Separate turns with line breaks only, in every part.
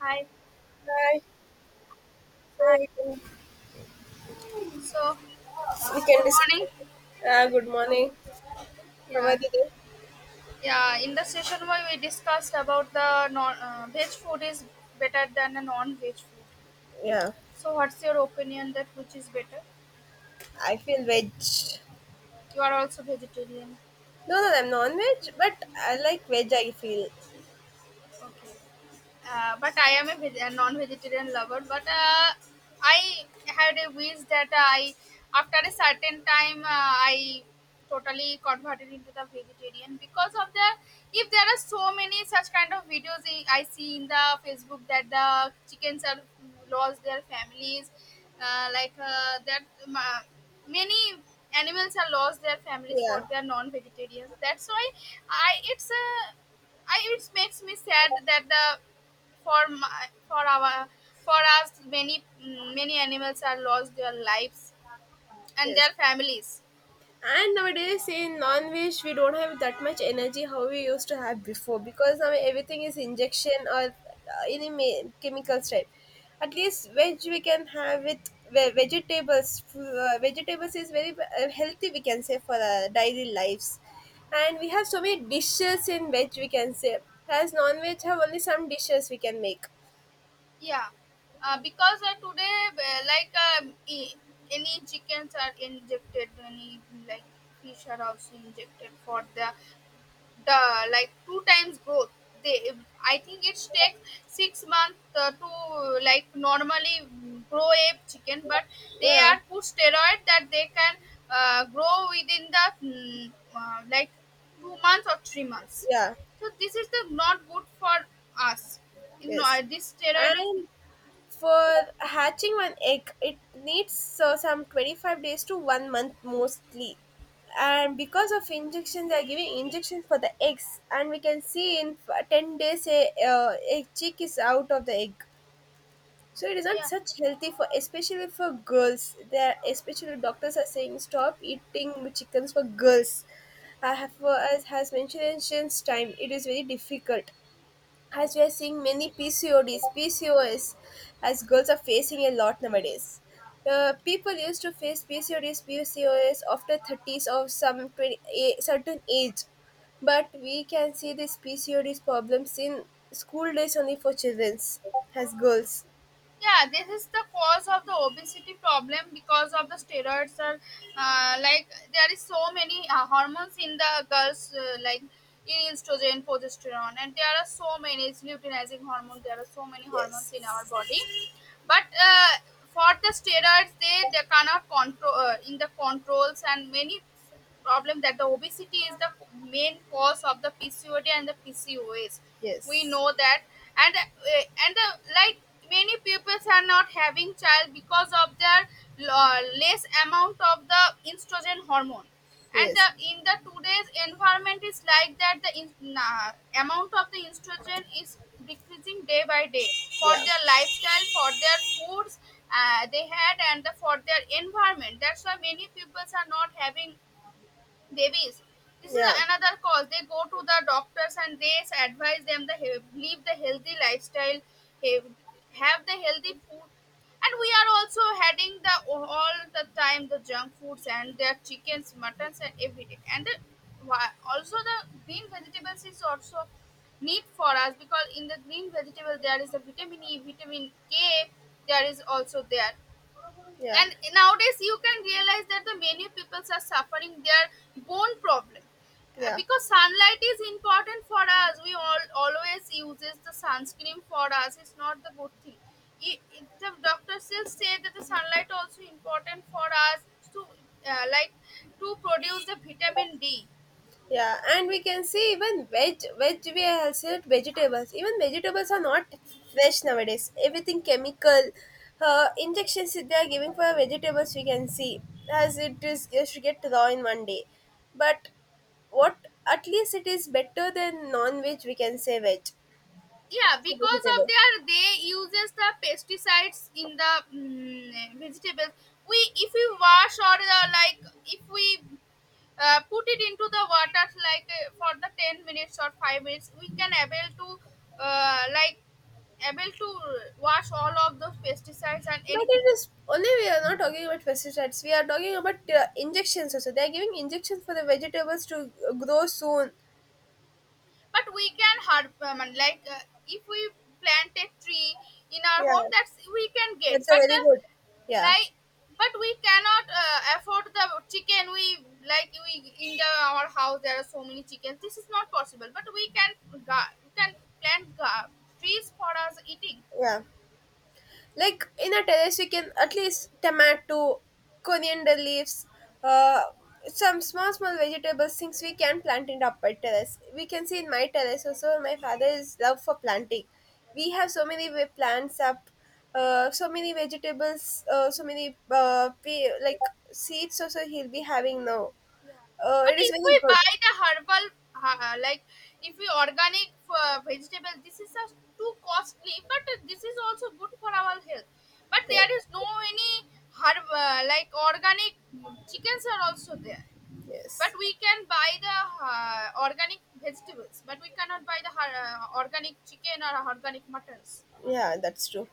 Hi,
Hi.
hi.
So we can
So,
we can
good
discuss.
morning.
Good morning. How are
Yeah,
you doing?
Yeah, in the session where we discussed about the non veg food is better than a non veg food.
Yeah,
So, what's your opinion that which is better?
I feel veg.
You are also vegetarian.
No, no, I'm non-veg, but I like veg. I feel.
Okay. But I am a, a non-vegetarian lover. But I had a wish that I, after a certain time, I totally converted into the vegetarian because of the. If there are so many such kind of videos I see in the Facebook that the chickens are lost their families, uh, like uh, that ma- many animals are lost their families for
Yeah.
their non-vegetarians. That's why I it's a I, it makes me sad that the for our for us many many animals are lost their lives and
Yes.
their families.
And nowadays in non-veg we don't have that much energy how we used to have before because now everything is injection or chemicals type. At least veg we can have with vegetables. Vegetables is very healthy, we can say, for our daily lives, and we have so many dishes in veg, we can say. As non-veg have only some dishes we can make.
Yeah, because today e- any chickens are injected, any like fish are also injected for the like two times growth they I think it takes 6 months to like normally grow a chicken but they
Yeah,
are put steroid that they can grow within the like 2 months or 3 months
yeah,
so this is the not good for us
yes,
this steroid is
and for hatching one egg, it needs some 25 days to one month mostly. And because of injections, they are giving injections for the eggs, and we can see in 10 days a chick is out of the egg. So it is not
yeah
such healthy for, especially for girls. There, especially doctors are saying stop eating chickens for girls. I have, as has mentioned, since time it is very difficult as we are seeing many PCODs, PCOS, as girls are facing a lot nowadays. People used to face PCODs, PCOS after 30s or some 20, a certain age, but we can see this PCODs problems in school days only for childrens, as girls.
yeah, this is the cause of the obesity problem because of the steroids are uh, like there is so many hormones in the girls estrogen progesterone and there are so many it's luteinizing hormone there are so many hormones in our
Yes,
body but uh, for the steroids they cannot control in the controls and many problem that the obesity is the main cause of the PCOD and the PCOS. We
yes,
know that, and the, like many peoples are not having child because of their less amount of the estrogen hormone. And the,
yes,
in the today's environment is like that amount of the estrogen is decreasing day by day for
yeah,
their lifestyle, for their foods they had, and the, for their environment. That's why many peoples are not having babies this is
yeah,
another cause they go to the doctors and they advise them live the healthy lifestyle he- have the healthy food and we are also having the all the time the junk foods and their chickens muttons and everything also the green vegetables is also need for us because in the green vegetable there is the vitamin e vitamin k there is also there
yeah,
and nowadays you can realize that the many people are suffering their bone problem.
yeah.
Because sunlight is important for us we all always uses the sunscreen for us it's not the good thing the doctors still say that the sunlight also important for us to uh, like to produce the vitamin d.
Yeah, and we can see even veg we have said vegetables. Even vegetables are not fresh nowadays. Everything chemical, injections that they are giving for vegetables. We can see, as it is, it should get raw in one day, but what at least it is better than non-veg. We can say veg
Yeah
for
because of
vegetables.
their they uses the pesticides in the vegetables we if we wash or the, like if we put it into the water like for the 10 minutes or 5 minutes we can able to uh, like able to wash all of those pesticides and
But
anything
it is only we are not talking about pesticides. We are talking about injections also. They are giving injections for the vegetables to grow soon.
but we can hard if we plant a tree in our home
Yeah.
that's we can get
That's a
but
very good. Yeah,
like but we cannot afford the chicken we in the our house there are so many chickens this is not possible but we can we can plant ga- trees for us eating.
yeah. Like in a terrace, we can at least tomato, coriander leaves, uh, some small small vegetables things we can plant in the upper terrace. We can see in my terrace also. My father is love for planting. We have so many plants up, so many vegetables, so many like seeds. Also, he'll be having now.
But
It is
if
very
we
good.
buy the herbal, like if we organic vegetable, this is just too costly. But this is also good for our health. But
Yeah.
there is no any herb organic chickens are also there. But
Yes.
we can buy the organic vegetables, but we cannot buy the organic chicken or organic muttons.
Yeah, that's true.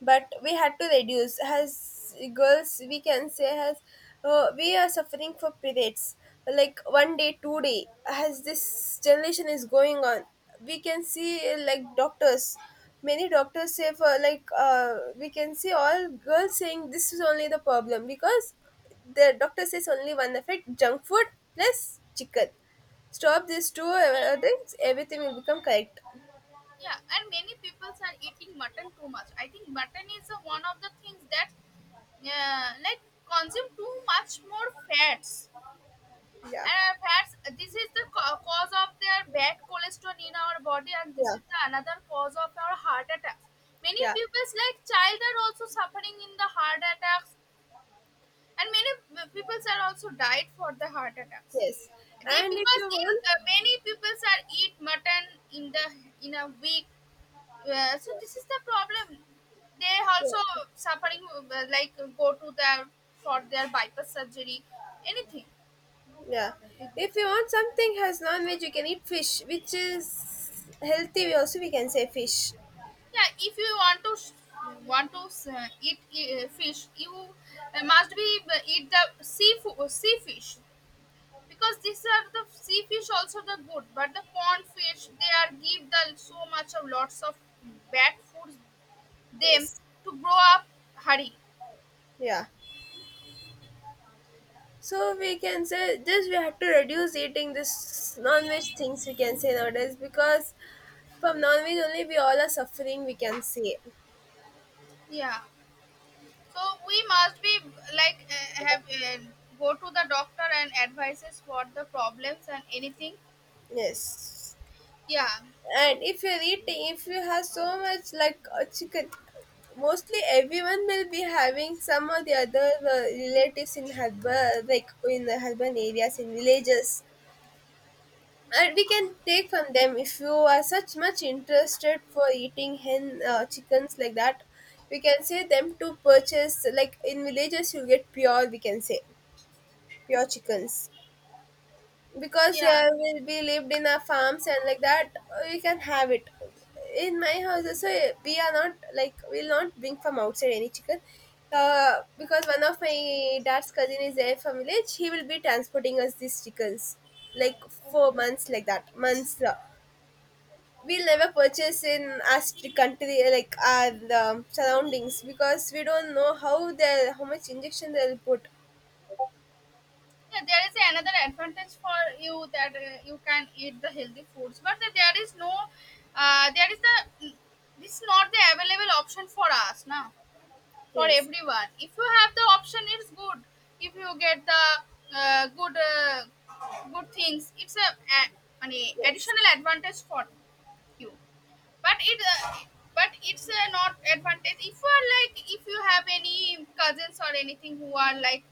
But we had to reduce. As girls, we can say, as we are suffering for periods, like one day, 2 day. As this generation is going on, we can see, like doctors. Many doctors say for, like, we can see all girls saying this is only the problem, because the doctor says only one effect: junk food plus chicken. Stop these two things, everything will become correct.
Yeah, and many people are eating mutton too much. I think mutton is one of the things that yeah, like consume too much more fats.
Yeah,
Fats. This is the cause of their bad cholesterol in our body, and this
yeah,
is the another cause of our heart attacks. Many
yeah,
people, like child, are also suffering in the heart attacks, and many people are also died for the heart attacks.
yes,
They
and if
because
you
in
want,
many people are eat mutton in the in a week so this is the problem they
yeah,
also
yeah,
suffering go to their for their bypass surgery anything
yeah.
they go.
If you want something has non-veg, you can eat fish, which is healthy. We can say fish.
Yeah if you want to eat fish you must be eat the sea fish because these are the sea fish also the good but the pond fish they are give the so much of lots of bad foods them
Yes,
to grow up hurry
yeah. So we can say this, we have to reduce eating this non-veg things, we can say nowadays, because from non-veg only we all are suffering, we can say.
yeah. So we must be like have go to the doctor and advises what the problems and anything.
Yes,
Yeah,
and if you have so much, like chicken, mostly everyone will be having some of the other relatives in husband, like in the husband areas in villages, and we can take from them if you are such much interested for eating hen chickens like that. We can say them to purchase, like in villages you get pure, we can say, pure chickens, because
yeah,
we lived in a farms and like that. You can have it in my house. So we are not, like, we'll not bring from outside any chicken, because one of my dad's cousin is there from village. He will be transporting us these chickens like four
okay.
months like that months. We'll never purchase in our country, like our surroundings, because we don't know how much injection they'll put.
Yeah, there is another advantage for you that you can eat the healthy foods, but that there is no, there is the this is not the available option for us now for
Yes,
everyone. If you have the option, it's good. If you get the uh, good uh, good things, a, an
yes,
additional advantage for you. But it but it's not advantage if you are like if you have any cousins or anything who are like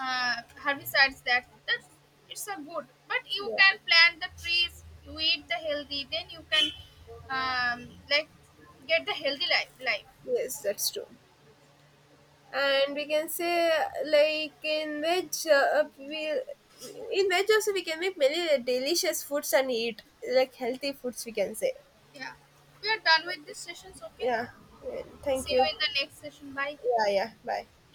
uh, herbicides that that's it's a good but you
yeah.
can plant the trees you eat the healthy then you can um, like get the healthy life.
Yes, that's true. And we can say, like, in which we in veg also we can make many delicious foods and eat, like, healthy foods, we can say.
Yeah we are done with this sessions okay
Yeah, thank
see you
you.
in the next session bye.
Yeah, yeah, bye.